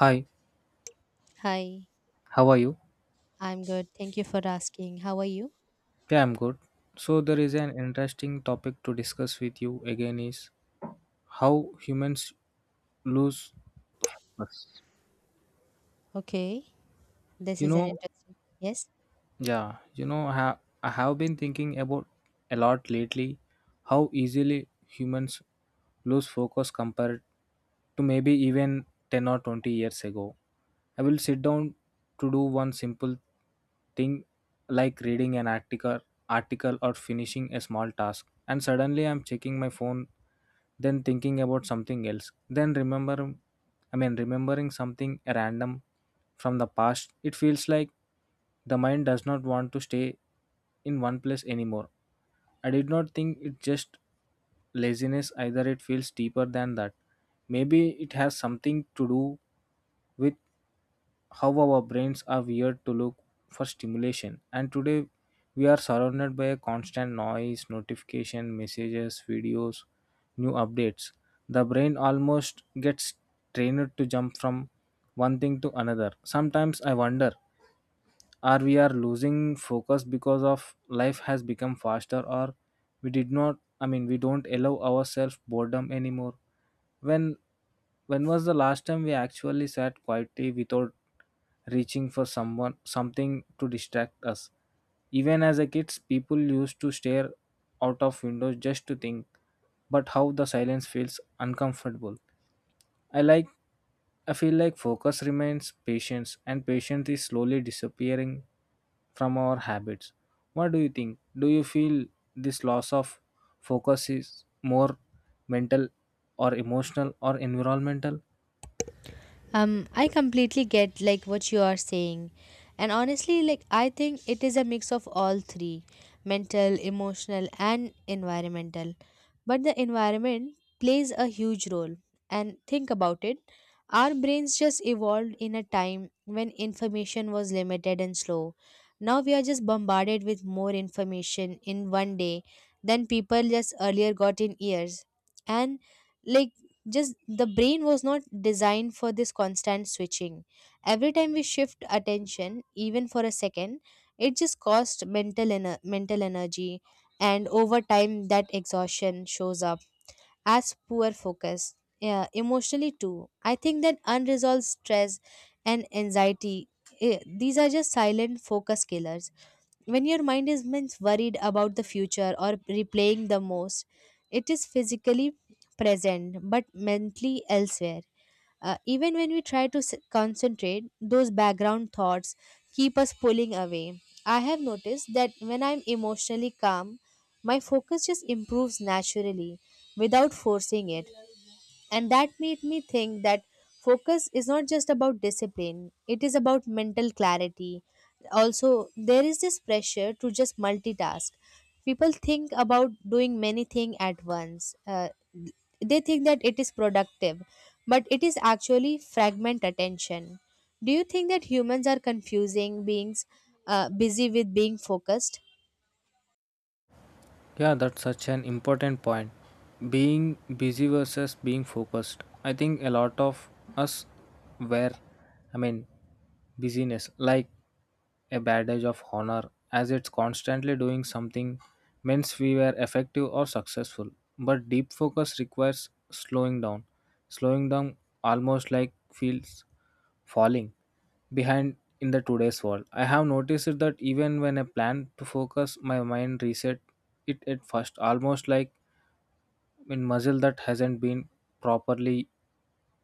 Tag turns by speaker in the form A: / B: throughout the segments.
A: Hi,
B: Hi,
A: how are you?
B: I'm good. Thank you for asking. How are you?
A: Yeah, I'm good. So there is an interesting topic to discuss with you again is how humans lose,
B: Okay, this
A: you
B: is an
A: know,
B: interesting. Yes.
A: yeah, I have been thinking about a lot lately how easily humans lose focus compared to maybe even 10 or 20 years ago. I will sit down to do one simple thing like reading an article, or finishing a small task, and suddenly I'm checking my phone, then thinking about something else, then remember I mean, remembering something random from the past. It feels like the mind does not want to stay in one place anymore. I did not think it just laziness either, it feels deeper than that. Maybe it has something to do with how our brains are wired to look for stimulation. And today we are surrounded by a constant noise, notification, messages, videos, new updates. The brain almost gets trained to jump from one thing to another. Sometimes I wonder or we are losing focus because of life has become faster, or we did not I mean, we don't allow ourselves boredom anymore. When when was the last time we actually sat quietly without reaching for someone something to distract us? Even as a kids, people used to stare out of windows just to think, but how the silence feels uncomfortable. i like I feel like focus remains patience, and patience is slowly disappearing from our habits. What do you think? Do you feel this loss of focus is more mental or emotional or environmental?
B: I completely get like what you are saying. And honestly, like I think it is a mix of all three, mental, emotional and environmental. But the environment plays a huge role. And think about it, our brains just evolved in a time when information was limited and slow. Now we are just bombarded with more information in one day than people just earlier got in years. And like just the brain was not designed for this constant switching every time we shift attention even for a second, it just costs mental energy, and over time that exhaustion shows up as poor focus, yeah, emotionally too. I think that unresolved stress and anxiety, these are just silent focus killers when your mind is means worried about the future or replaying the most. It is physically present but mentally elsewhere. Even when we try to concentrate, those background thoughts keep us pulling away. I have noticed that when I'm emotionally calm, my focus just improves naturally without forcing it, and that made me think that focus is not just about discipline, it is about mental clarity. Also, there is this pressure to just multitask. People think about doing many things at once. They think that it is productive, but it is actually fragment attention. Do you think that humans are confusing beings busy with being focused?
A: Yeah, that's such an important point. Being busy versus being focused. I think a lot of us were, I mean, busyness. Like a badge of honor, as it's constantly doing something means we were effective or successful. But deep focus requires slowing down. Slowing down almost like feels falling behind in the today's world. I have noticed that even when I plan to focus, my mind reset it at first, almost like in muscle that hasn't been properly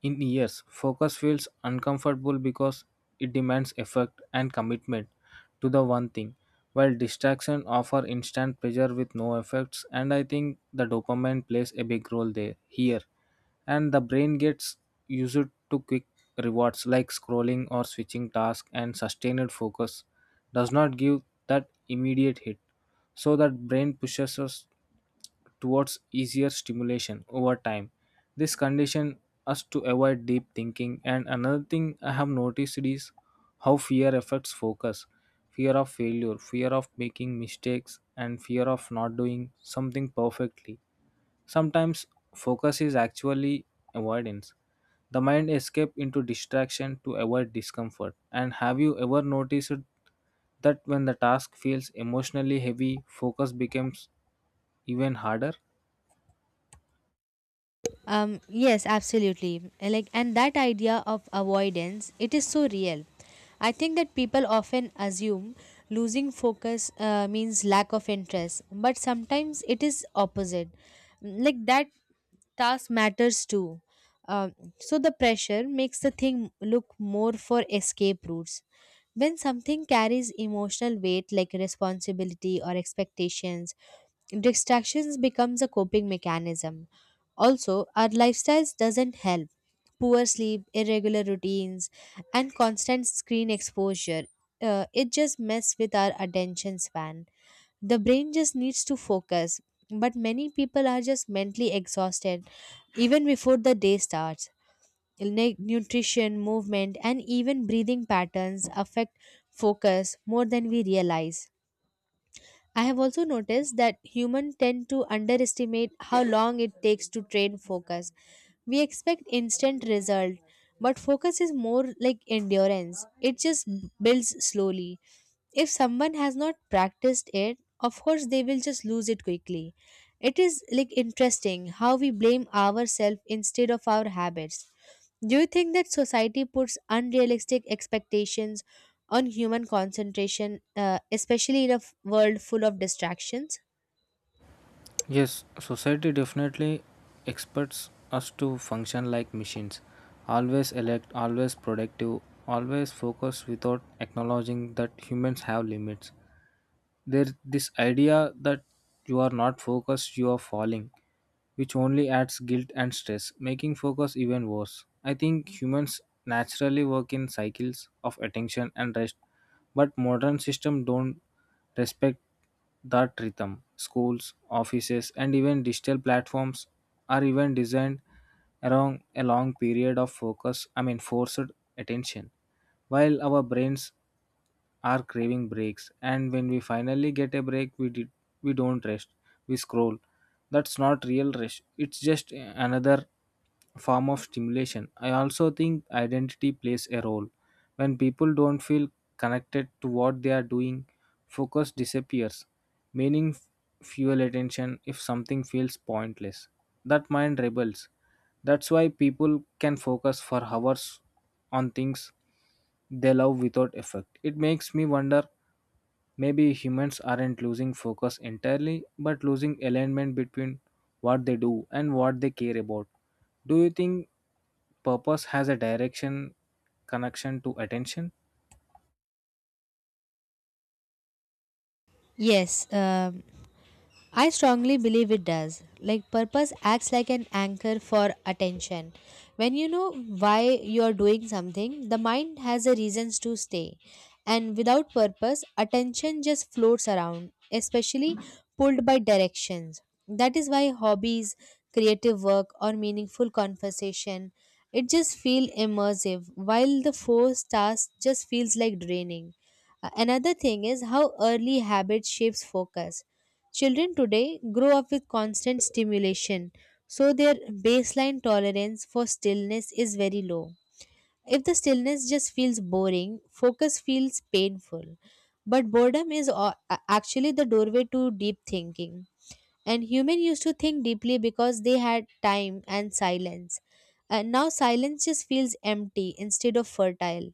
A: in years. Focus feels uncomfortable because it demands effort and commitment to the one thing, while distraction offer instant pleasure with no effects. And I think the dopamine plays a big role there here, and the brain gets used to quick rewards like scrolling or switching tasks, and sustained focus does not give that immediate hit. So that brain pushes us towards easier stimulation over time. This condition us to avoid deep thinking, and another thing I have noticed is how fear affects focus. Fear of failure, fear of making mistakes, and fear of not doing something perfectly. Sometimes focus is actually avoidance. The mind escape into distraction to avoid discomfort. And have you ever noticed that when the task feels emotionally heavy, focus becomes even harder?
B: Yes, absolutely. Like, and that idea of avoidance, it is so real. I think that people often assume losing focus means lack of interest, but sometimes it is opposite. Mm, like that task matters too. Um, so the pressure makes the thing look more for escape routes. When something carries emotional weight like responsibility or expectations, distractions becomes a coping mechanism. Also, our lifestyles doesn't help. Poor sleep, irregular routines, and constant screen exposure. It just mess with our attention span. The brain just needs to focus, but many people are just mentally exhausted even before the day starts. Nutrition, movement, and even breathing patterns affect focus more than we realize. I have also noticed that humans tend to underestimate how long it takes to train focus. We expect instant result, but focus is more like endurance. It just builds slowly. If someone has not practiced it, of course they will just lose it quickly. It is like interesting how we blame ourselves instead of our habits. Do you think that society puts unrealistic expectations on human concentration, especially in a world full of distractions?
A: Yes, society definitely expects us to function like machines, always elect, always productive, always focus, without acknowledging that humans have limits. There this idea that you are not focused, you are falling, which only adds guilt and stress, making focus even worse. I think humans naturally work in cycles of attention and rest, but modern systems don't respect that rhythm. Schools, offices, and even digital platforms are even designed around a long period of focus, I mean forced attention, while our brains are craving breaks. And when we finally get a break, we don't rest, we scroll. That's not real rest, it's just another form of stimulation. I also think identity plays a role. When people don't feel connected to what they are doing, focus disappears. Meaning fuel attention. If something feels pointless, that mind rebels. That's why people can focus for hours on things they love without effect. It makes me wonder, maybe humans aren't losing focus entirely, but losing alignment between what they do and what they care about. Do you think purpose has a direction connection to attention?
B: Yes. I strongly believe it does. Like, purpose acts like an anchor for attention. When you know why you are doing something, the mind has a reasons to stay. And without purpose, attention just floats around, especially pulled by directions. That is why hobbies, creative work, or meaningful conversation, it just feel immersive while the forced task just feels like draining. Another thing is how early habit shapes focus. Children today grow up with constant stimulation, so their baseline tolerance for stillness is very low. If the stillness just feels boring, focus feels painful. But boredom is actually the doorway to deep thinking. And humans used to think deeply because they had time and silence. And now silence just feels empty instead of fertile.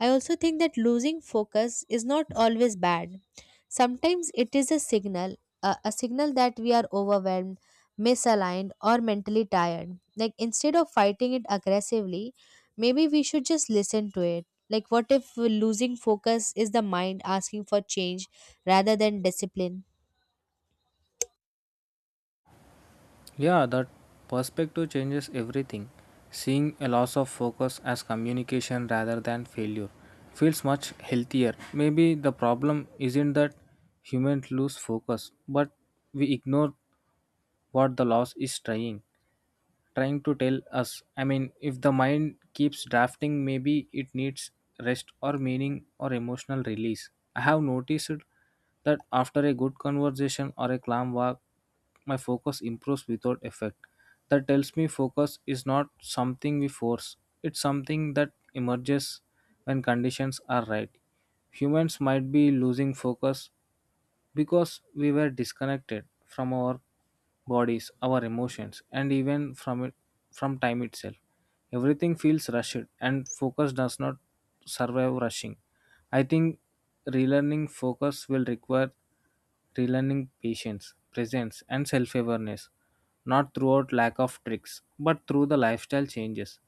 B: I also think that losing focus is not always bad. Sometimes it is a signal, a signal that we are overwhelmed, misaligned, or mentally tired. Like instead of fighting it aggressively, maybe we should just listen to it. Like, what if losing focus is the mind asking for change rather than discipline?
A: Yeah, that perspective changes everything. Seeing a loss of focus as communication rather than failure feels much healthier. Maybe the problem isn't that humans lose focus, but we ignore what the loss is trying to tell us. I mean, if the mind keeps drafting, maybe it needs rest or meaning or emotional release. I have noticed that after a good conversation or a calm walk, my focus improves without effect. That tells me focus is not something we force, it's something that emerges when conditions are right. Humans might be losing focus because we were disconnected from our bodies, our emotions, and even from time itself. Everything feels rushed, and focus does not survive rushing. I think relearning focus will require relearning patience, presence, and self awareness, not throughout lack of tricks, but through the lifestyle changes.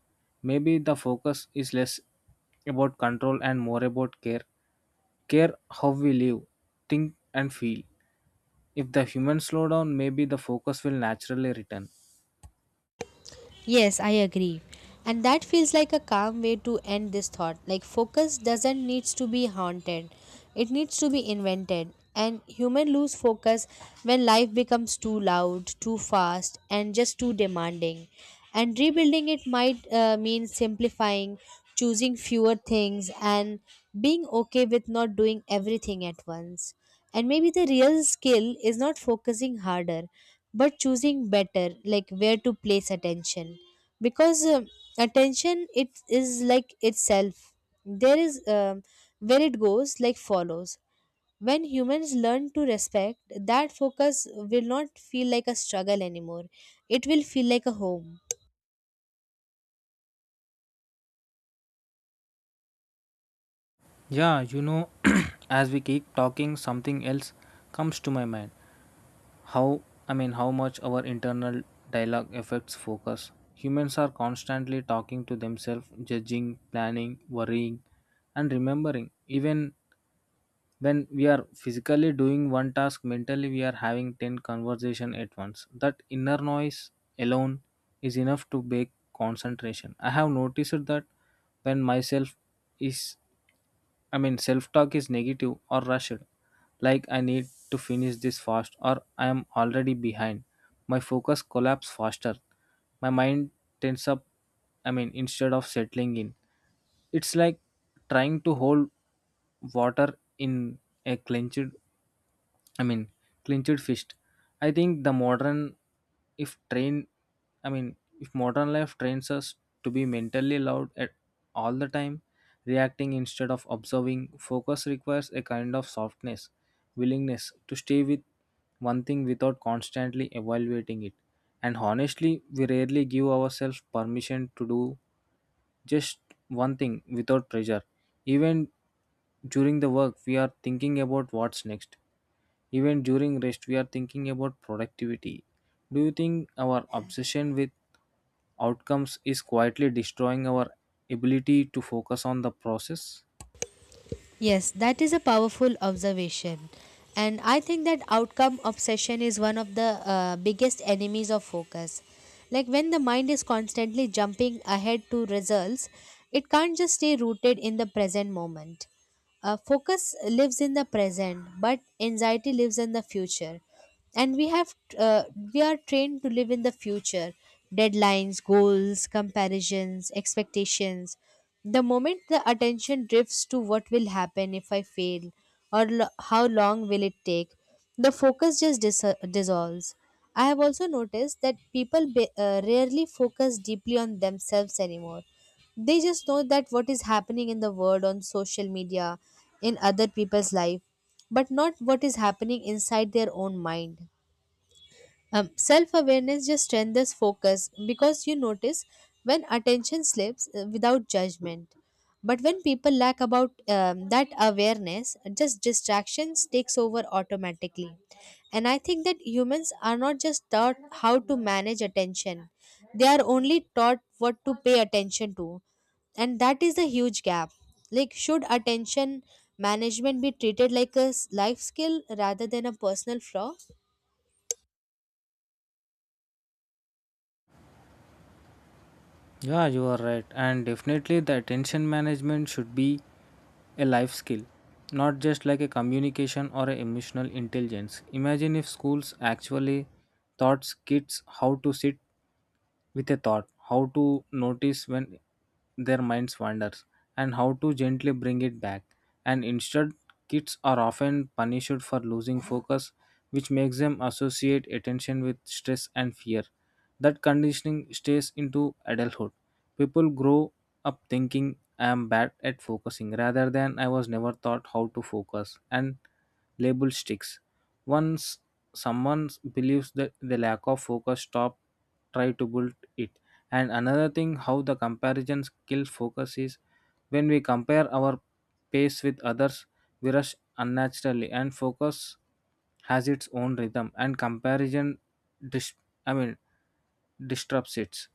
A: Maybe the focus is less about control and more about care. Care how we live, think, and feel. If the humans slow down, maybe the focus will naturally return.
B: Yes, I agree. And that feels like a calm way to end this thought. Like focus doesn't needs to be haunted. It needs to be invented. And human lose focus when life becomes too loud, too fast, and just too demanding. And rebuilding it might mean simplifying, choosing fewer things, and being okay with not doing everything at once. And maybe the real skill is not focusing harder, but choosing better, like where to place attention, because attention it is like itself. There is where it goes like follows. When humans learn to respect that, focus will not feel like a struggle anymore. It will feel like a home.
A: Yeah, as we keep talking, something else comes to my mind. How, I mean, how much our internal dialogue affects focus. Humans are constantly talking to themselves, judging, planning, worrying, and remembering. Even when we are physically doing one task, mentally we are having 10 conversation at once. That inner noise alone is enough to break concentration. I have noticed that when myself is I mean, self talk is negative or rushed, like I need to finish this fast, or I am already behind. My focus collapses faster. My mind tends up, I mean, instead of settling in. It's like trying to hold water in a clenched I mean, clenched fist. I think the modern, if train, I mean, if modern life trains us to be mentally loud at all the time, reacting instead of observing. Focus requires a kind of softness, willingness to stay with one thing without constantly evaluating it. And honestly, we rarely give ourselves permission to do just one thing without pressure. Even during the work, we are thinking about what's next. Even during rest, we are thinking about productivity. Do you think our obsession with outcomes is quietly destroying our ability to focus on the process?
B: Yes, that is a powerful observation. And I think that outcome obsession is one of the biggest enemies of focus. Like when the mind is constantly jumping ahead to results, it can't just stay rooted in the present moment. Focus lives in the present, but anxiety lives in the future. And we are trained to live in the future, deadlines, goals, comparisons, expectations. The moment the attention drifts to what will happen if I fail, or how long will it take, the focus just dissolves. I have also noticed that people rarely focus deeply on themselves anymore. They just know that what is happening in the world, on social media, in other people's life, but not what is happening inside their own mind. Self awareness just strengthens focus because you notice when attention slips without judgment. But when people lack about that awareness, just distractions takes over automatically. And I think that humans are not just taught how to manage attention; they are only taught what to pay attention to, and that is the huge gap. Like, should attention management be treated like a life skill rather than a personal flaw?
A: Yeah, you are right. And definitely, the attention management should be a life skill, not just like a communication or a emotional intelligence. Imagine if schools actually taught kids how to sit with a thought, how to notice when their minds wanders, and how to gently bring it back. And instead, kids are often punished for losing focus, which makes them associate attention with stress and fear. That conditioning stays into adulthood. People grow up thinking I am bad at focusing rather than I was never taught how to focus, and label sticks. Once someone believes that the lack of focus, stop try to build it. And another thing how the comparison kills focus is when we compare our pace with others, we rush unnaturally, and focus has its own rhythm, and comparison dis- I mean, disrupts it.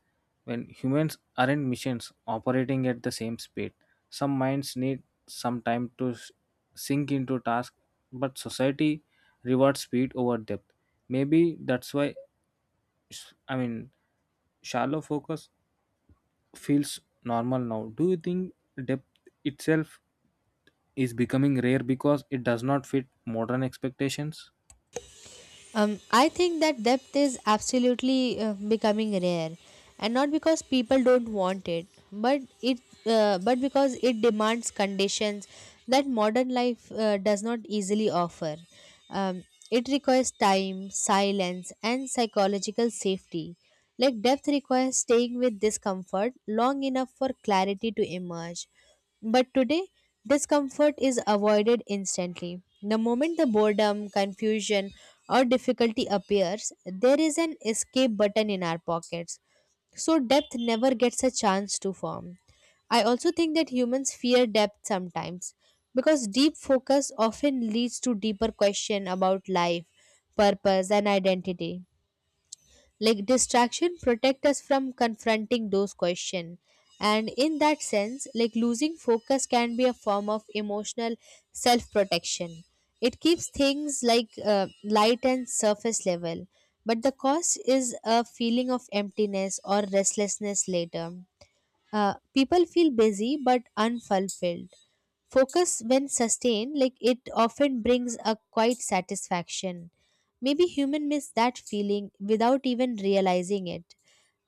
A: When humans aren't machines operating at the same speed, some minds need some time to sink into tasks, but society rewards speed over depth. Maybe that's why, I mean, shallow focus feels normal now. Do you think depth itself is becoming rare because it does not fit modern expectations?
B: I think that depth is absolutely becoming rare, and not because people don't want it, but because it demands conditions that modern life does not easily offer. Um, it requires time, silence, and psychological safety. Like depth requires staying with discomfort long enough for clarity to emerge. But today, discomfort is avoided instantly. The moment the boredom, confusion, or difficulty appears, there is an escape button in our pockets. So, depth never gets a chance to form. I also think that humans fear depth sometimes because deep focus often leads to deeper question about life, purpose and identity. Like distraction protect us from confronting those questions, and in that sense, like losing focus can be a form of emotional self protection. It keeps things like light and surface level, but the cost is a feeling of emptiness or restlessness later. People feel busy but unfulfilled. Focus, when sustained, like it often brings a quiet satisfaction. Maybe human miss that feeling without even realizing it.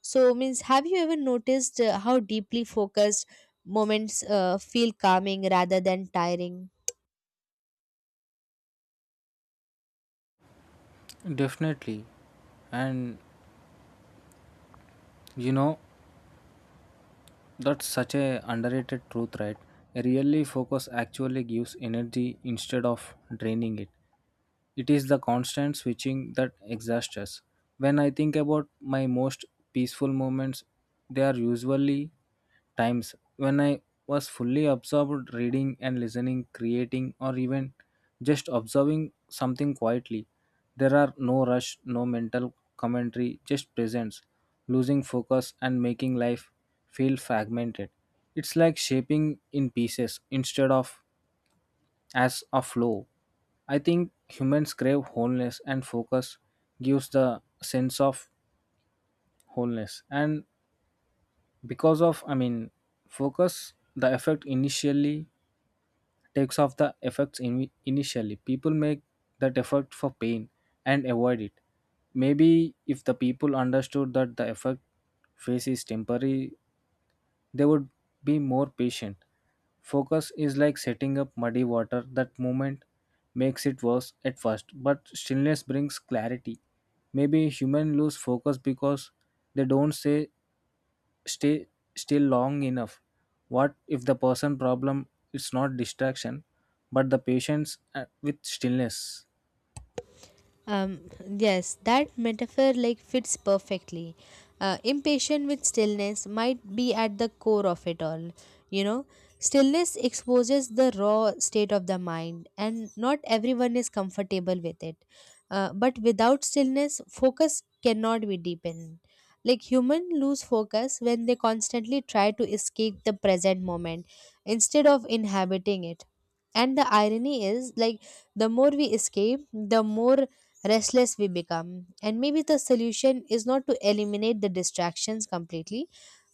B: So, means have you ever noticed how deeply focused moments feel calming rather than tiring?
A: Definitely. And you know, that's such a underrated truth, right? A really focus actually gives energy instead of draining it. It is the constant switching that exhausts us. When I think about my most peaceful moments, they are usually times when I was fully absorbed reading and listening, creating, or even just observing something quietly. There are no rush, no mental commentary, just presence, losing focus and making life feel fragmented. It's like shaping in pieces instead of as a flow. I think humans crave wholeness, and focus gives the sense of wholeness. And because of, I mean, focus, the effect initially takes off the effects in, initially. People make that effect for pain and avoid it. Maybe if the people understood that the effect phase is temporary, they would be more patient. Focus is like setting up muddy water. That movement makes it worse at first, but stillness brings clarity. Maybe humans lose focus because they don't say stay still long enough. What if the person problem is not distraction, but the patience with stillness?
B: Yes, that metaphor like fits perfectly. Impatient with stillness might be at the core of it all. You know, stillness exposes the raw state of the mind, and not everyone is comfortable with it. But without stillness, focus cannot be deepened. Like human lose focus when they constantly try to escape the present moment instead of inhabiting it. And the irony is, like, the more we escape, the more restless we become. And maybe the solution is not to eliminate the distractions completely,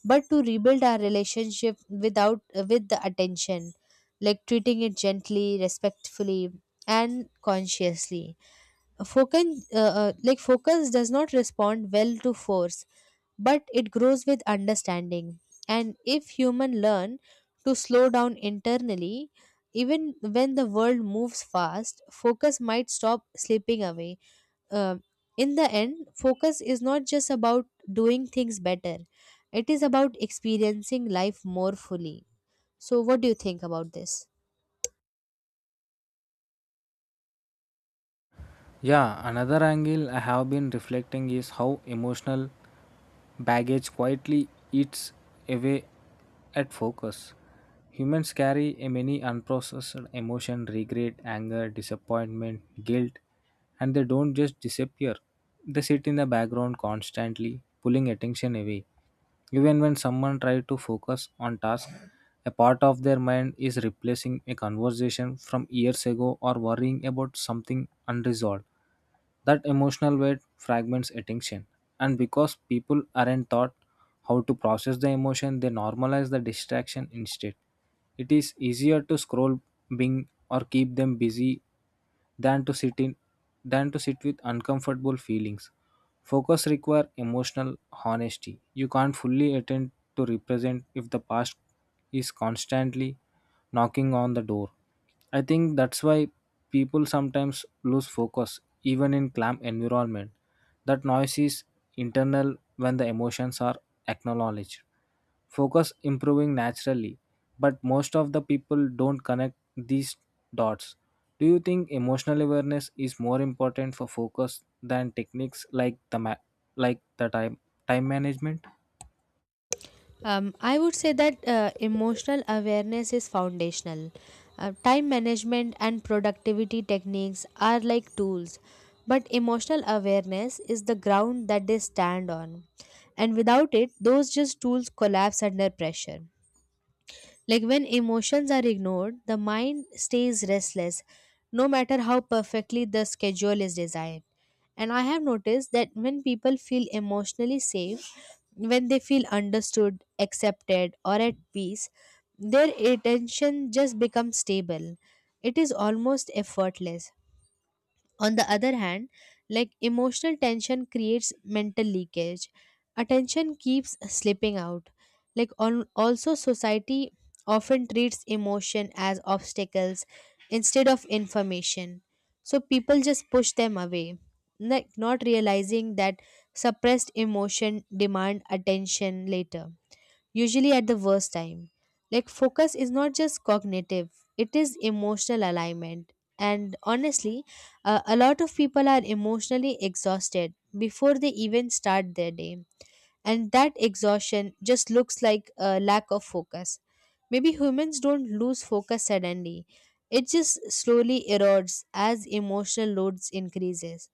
B: but to rebuild our relationship without with the attention, like treating it gently, respectfully, and consciously. Like focus, does not respond well to force, but it grows with understanding. And if human learn to slow down internally, even when the world moves fast, focus might stop slipping away. uh, in the end, focus is not just about doing things better, it is about experiencing life more fully. So, what do you think about this?
A: Yeah, another angle I have been reflecting is how emotional baggage quietly eats away at focus. Humans carry a many unprocessed emotion, regret, anger, disappointment, guilt, and they don't just disappear. They sit in the background constantly, pulling attention away. Even when someone tries to focus on task, a part of their mind is replacing a conversation from years ago or worrying about something unresolved. That emotional weight fragments attention, and because people aren't taught how to process the emotion, they normalize the distraction instead. It is easier to scroll Bing or keep them busy than to sit in than to sit with uncomfortable feelings. Focus require emotional honesty. You can't fully attend to represent if the past is constantly knocking on the door. I think that's why people sometimes lose focus even in calm environment. That noise is internal when the emotions are acknowledged focus improving naturally, but most of the people don't connect these dots. Do you think emotional awareness is more important for focus than techniques like like the time management?
B: I would say that emotional awareness is foundational. Time management and productivity techniques are like tools, but emotional awareness is the ground that they stand on. And without it, those just tools collapse under pressure. Like when emotions are ignored, the mind stays restless, no matter how perfectly the schedule is designed. And I have noticed that when people feel emotionally safe, when they feel understood, accepted, or at peace, their attention just becomes stable. It is almost effortless. On the other hand, like emotional tension creates mental leakage. Attention keeps slipping out. Like on also society often treats emotion as obstacles instead of information. So people just push them away. Like not realizing that suppressed emotion demand attention later, usually at the worst time. Like, focus is not just cognitive, it is emotional alignment. And honestly, a lot of people are emotionally exhausted before they even start their day. And that exhaustion just looks like a lack of focus. Maybe humans don't lose focus suddenly, it just slowly erodes as emotional loads increases.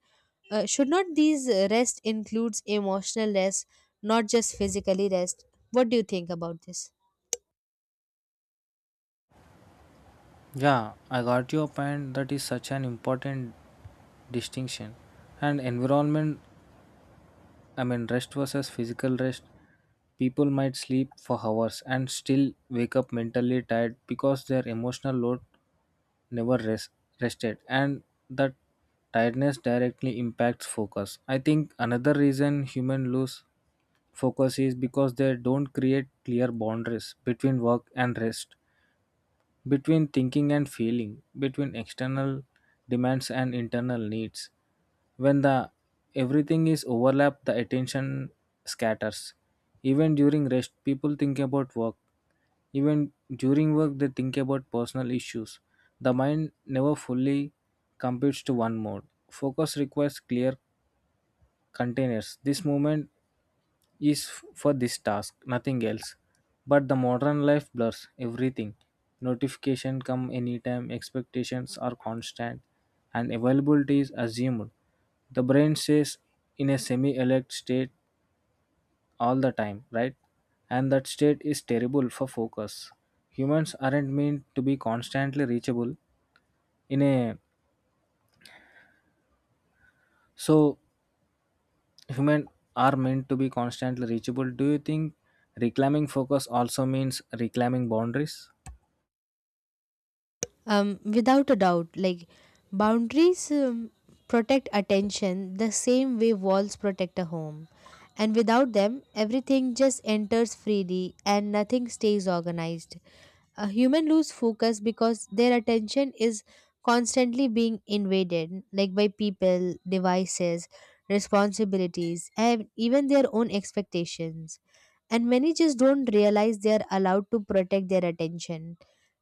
B: Should not these rest includes emotional rest, not just physically rest? What do you think about this?
A: Yeah, I got your point. That is such an important distinction and environment. I mean rest versus physical rest. People might sleep for hours and still wake up mentally tired because their emotional load never rest, rested, and that tiredness directly impacts focus. I think another reason humans lose focus is because they don't create clear boundaries between work and rest, between thinking and feeling, between external demands and internal needs. When the everything is overlapped, the attention scatters. Even during rest, people think about work. Even during work, they think about personal issues. The mind never fully computes to one mode. Focus requires clear containers. This moment is for this task, nothing else. But the modern life blurs everything. Notification come anytime, expectations are constant, and availability is assumed. The brain stays in a semi alert state all the time, right? And that state is terrible for focus. Humans aren't meant to be constantly reachable in a so human are meant to be constantly reachable. Do you think reclaiming focus also means reclaiming boundaries?
B: Without a doubt, like boundaries protect attention the same way walls protect a home. And without them, everything just enters freely and nothing stays organized. A human lose focus because their attention is constantly being invaded, like by people, devices, responsibilities, and even their own expectations, and many just don't realize they are allowed to protect their attention.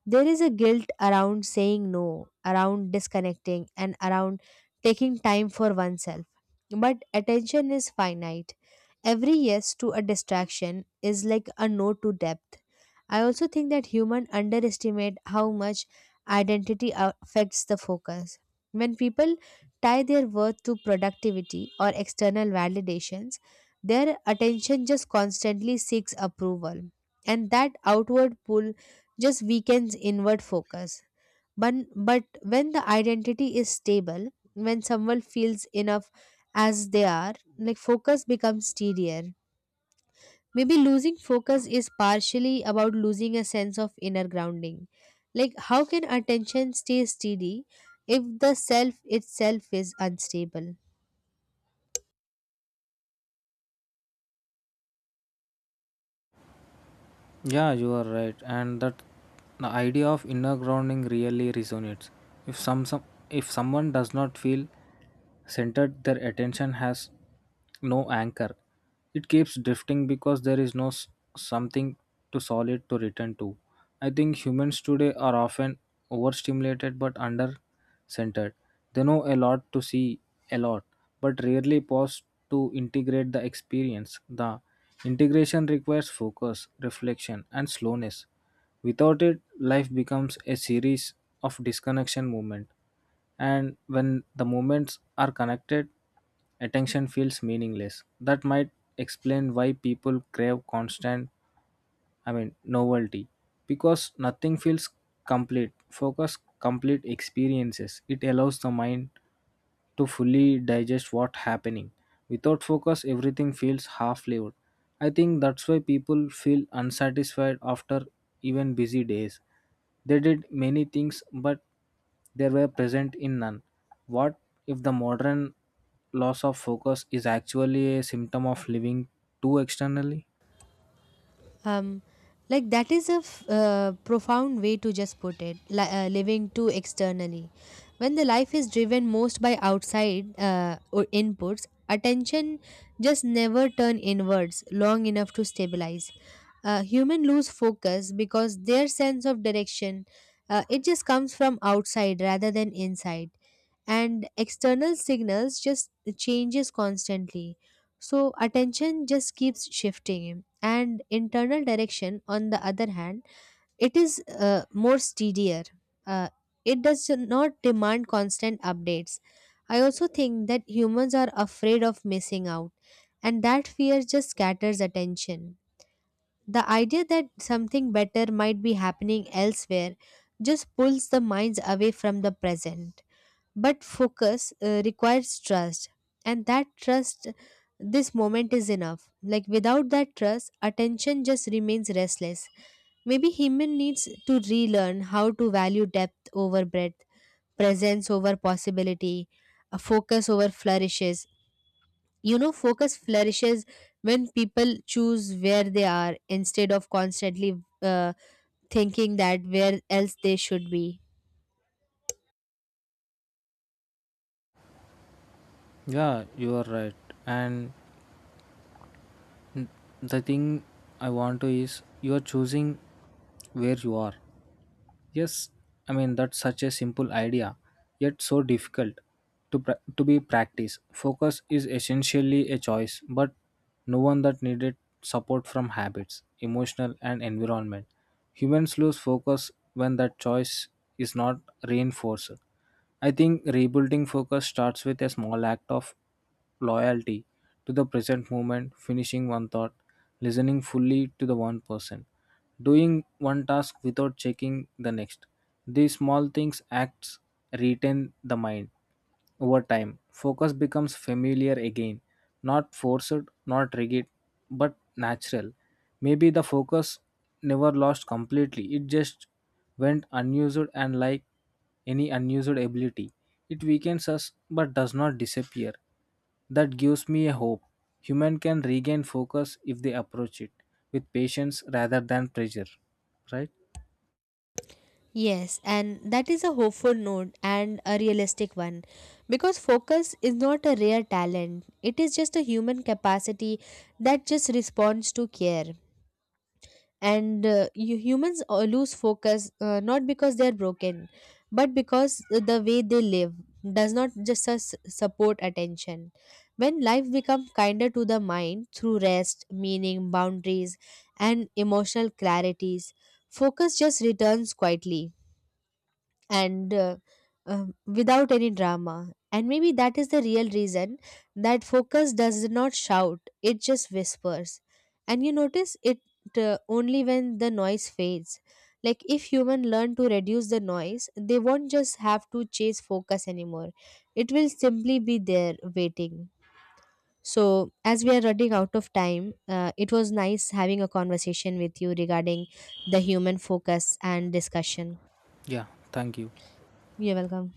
B: There is a guilt around saying no, around disconnecting, and around taking time for oneself. But attention is finite. Every yes to a distraction is like a no to depth. I also think that humans underestimate how much identity affects the focus. When people tie their worth to productivity or external validations, their attention just constantly seeks approval, and that outward pull just weakens inward focus. But when the identity is stable, when someone feels enough as they are, like focus becomes steadier. Maybe losing focus is partially about losing a sense of inner grounding. Like, how can attention stay steady if the self itself is unstable?
A: Yeah, you are right, and that the idea of inner grounding really resonates. If some, some if someone does not feel centered, their attention has no anchor. It keeps drifting because there is no s- something to solid to return to. I think humans today are often overstimulated but understimulated centered. They know a lot to see a lot, but rarely pause to integrate the experience. The integration requires focus, reflection, and slowness. Without it, life becomes a series of disconnection movements. And when the moments are connected, attention feels meaningless. That might explain why people crave constant, novelty, because nothing feels complete. Focus complete experiences. It allows the mind to fully digest what happening. Without focus everything feels half lived. I think that's why people feel unsatisfied after even busy days. They did many things but they were present in none. What if the modern loss of focus is actually a symptom of living too externally?
B: um like that is a profound way to just put it living too externally. When the life is driven most by outside or inputs, attention just never turn inwards long enough to stabilize. Human lose focus because their sense of direction, it just comes from outside rather than inside, and external signals just changes constantly, so attention just keeps shifting, and internal direction, on the other hand, it is more steadier. Uh, it does not demand constant updates. I also think that humans are afraid of missing out, and that fear just scatters attention. The idea that something better might be happening elsewhere just pulls the minds away from the present, but focus requires trust, and that trust, this moment is enough. Like without that trust, attention just remains restless. Maybe human needs to relearn how to value depth over breadth, presence over possibility, a focus over flourishes. You know, focus flourishes when people choose where they are instead of constantly uh, thinking that where else they should be.
A: Yeah, you are right. And the thing I want to is you are choosing where you are. Yes, I mean that's such a simple idea, yet so difficult to to be practiced. Focus is essentially a choice, but no one that needed support from habits, emotional and environment. Humans lose focus when that choice is not reinforced. I think rebuilding focus starts with a small act of loyalty to the present moment, finishing one thought, listening fully to the one person, doing one task without checking the next. These small things acts retain the mind over time. Focus becomes familiar again, not forced, not rigid, but natural. Maybe the focus never lost completely, it just went unused and like any unused ability. It weakens us but does not disappear. That gives me a hope. Human can regain focus if they approach it with patience rather than pressure. Right?
B: Yes, and that is a hopeful note and a realistic one, because focus is not a rare talent, it is just a human capacity that just responds to care. And humans lose focus not because they are broken, but because the way they live does not just support attention. When life becomes kinder to the mind through rest, meaning, boundaries, and emotional clarities, focus just returns quietly and without any drama. And maybe that is the real reason that focus does not shout, it just whispers. And you notice it only when the noise fades. Like if human learn to reduce the noise, they won't just have to chase focus anymore. It will simply be there waiting. So, as we are running out of time, it was nice having a conversation with you regarding the human focus and discussion.
A: Yeah. Thank you.
B: You're welcome.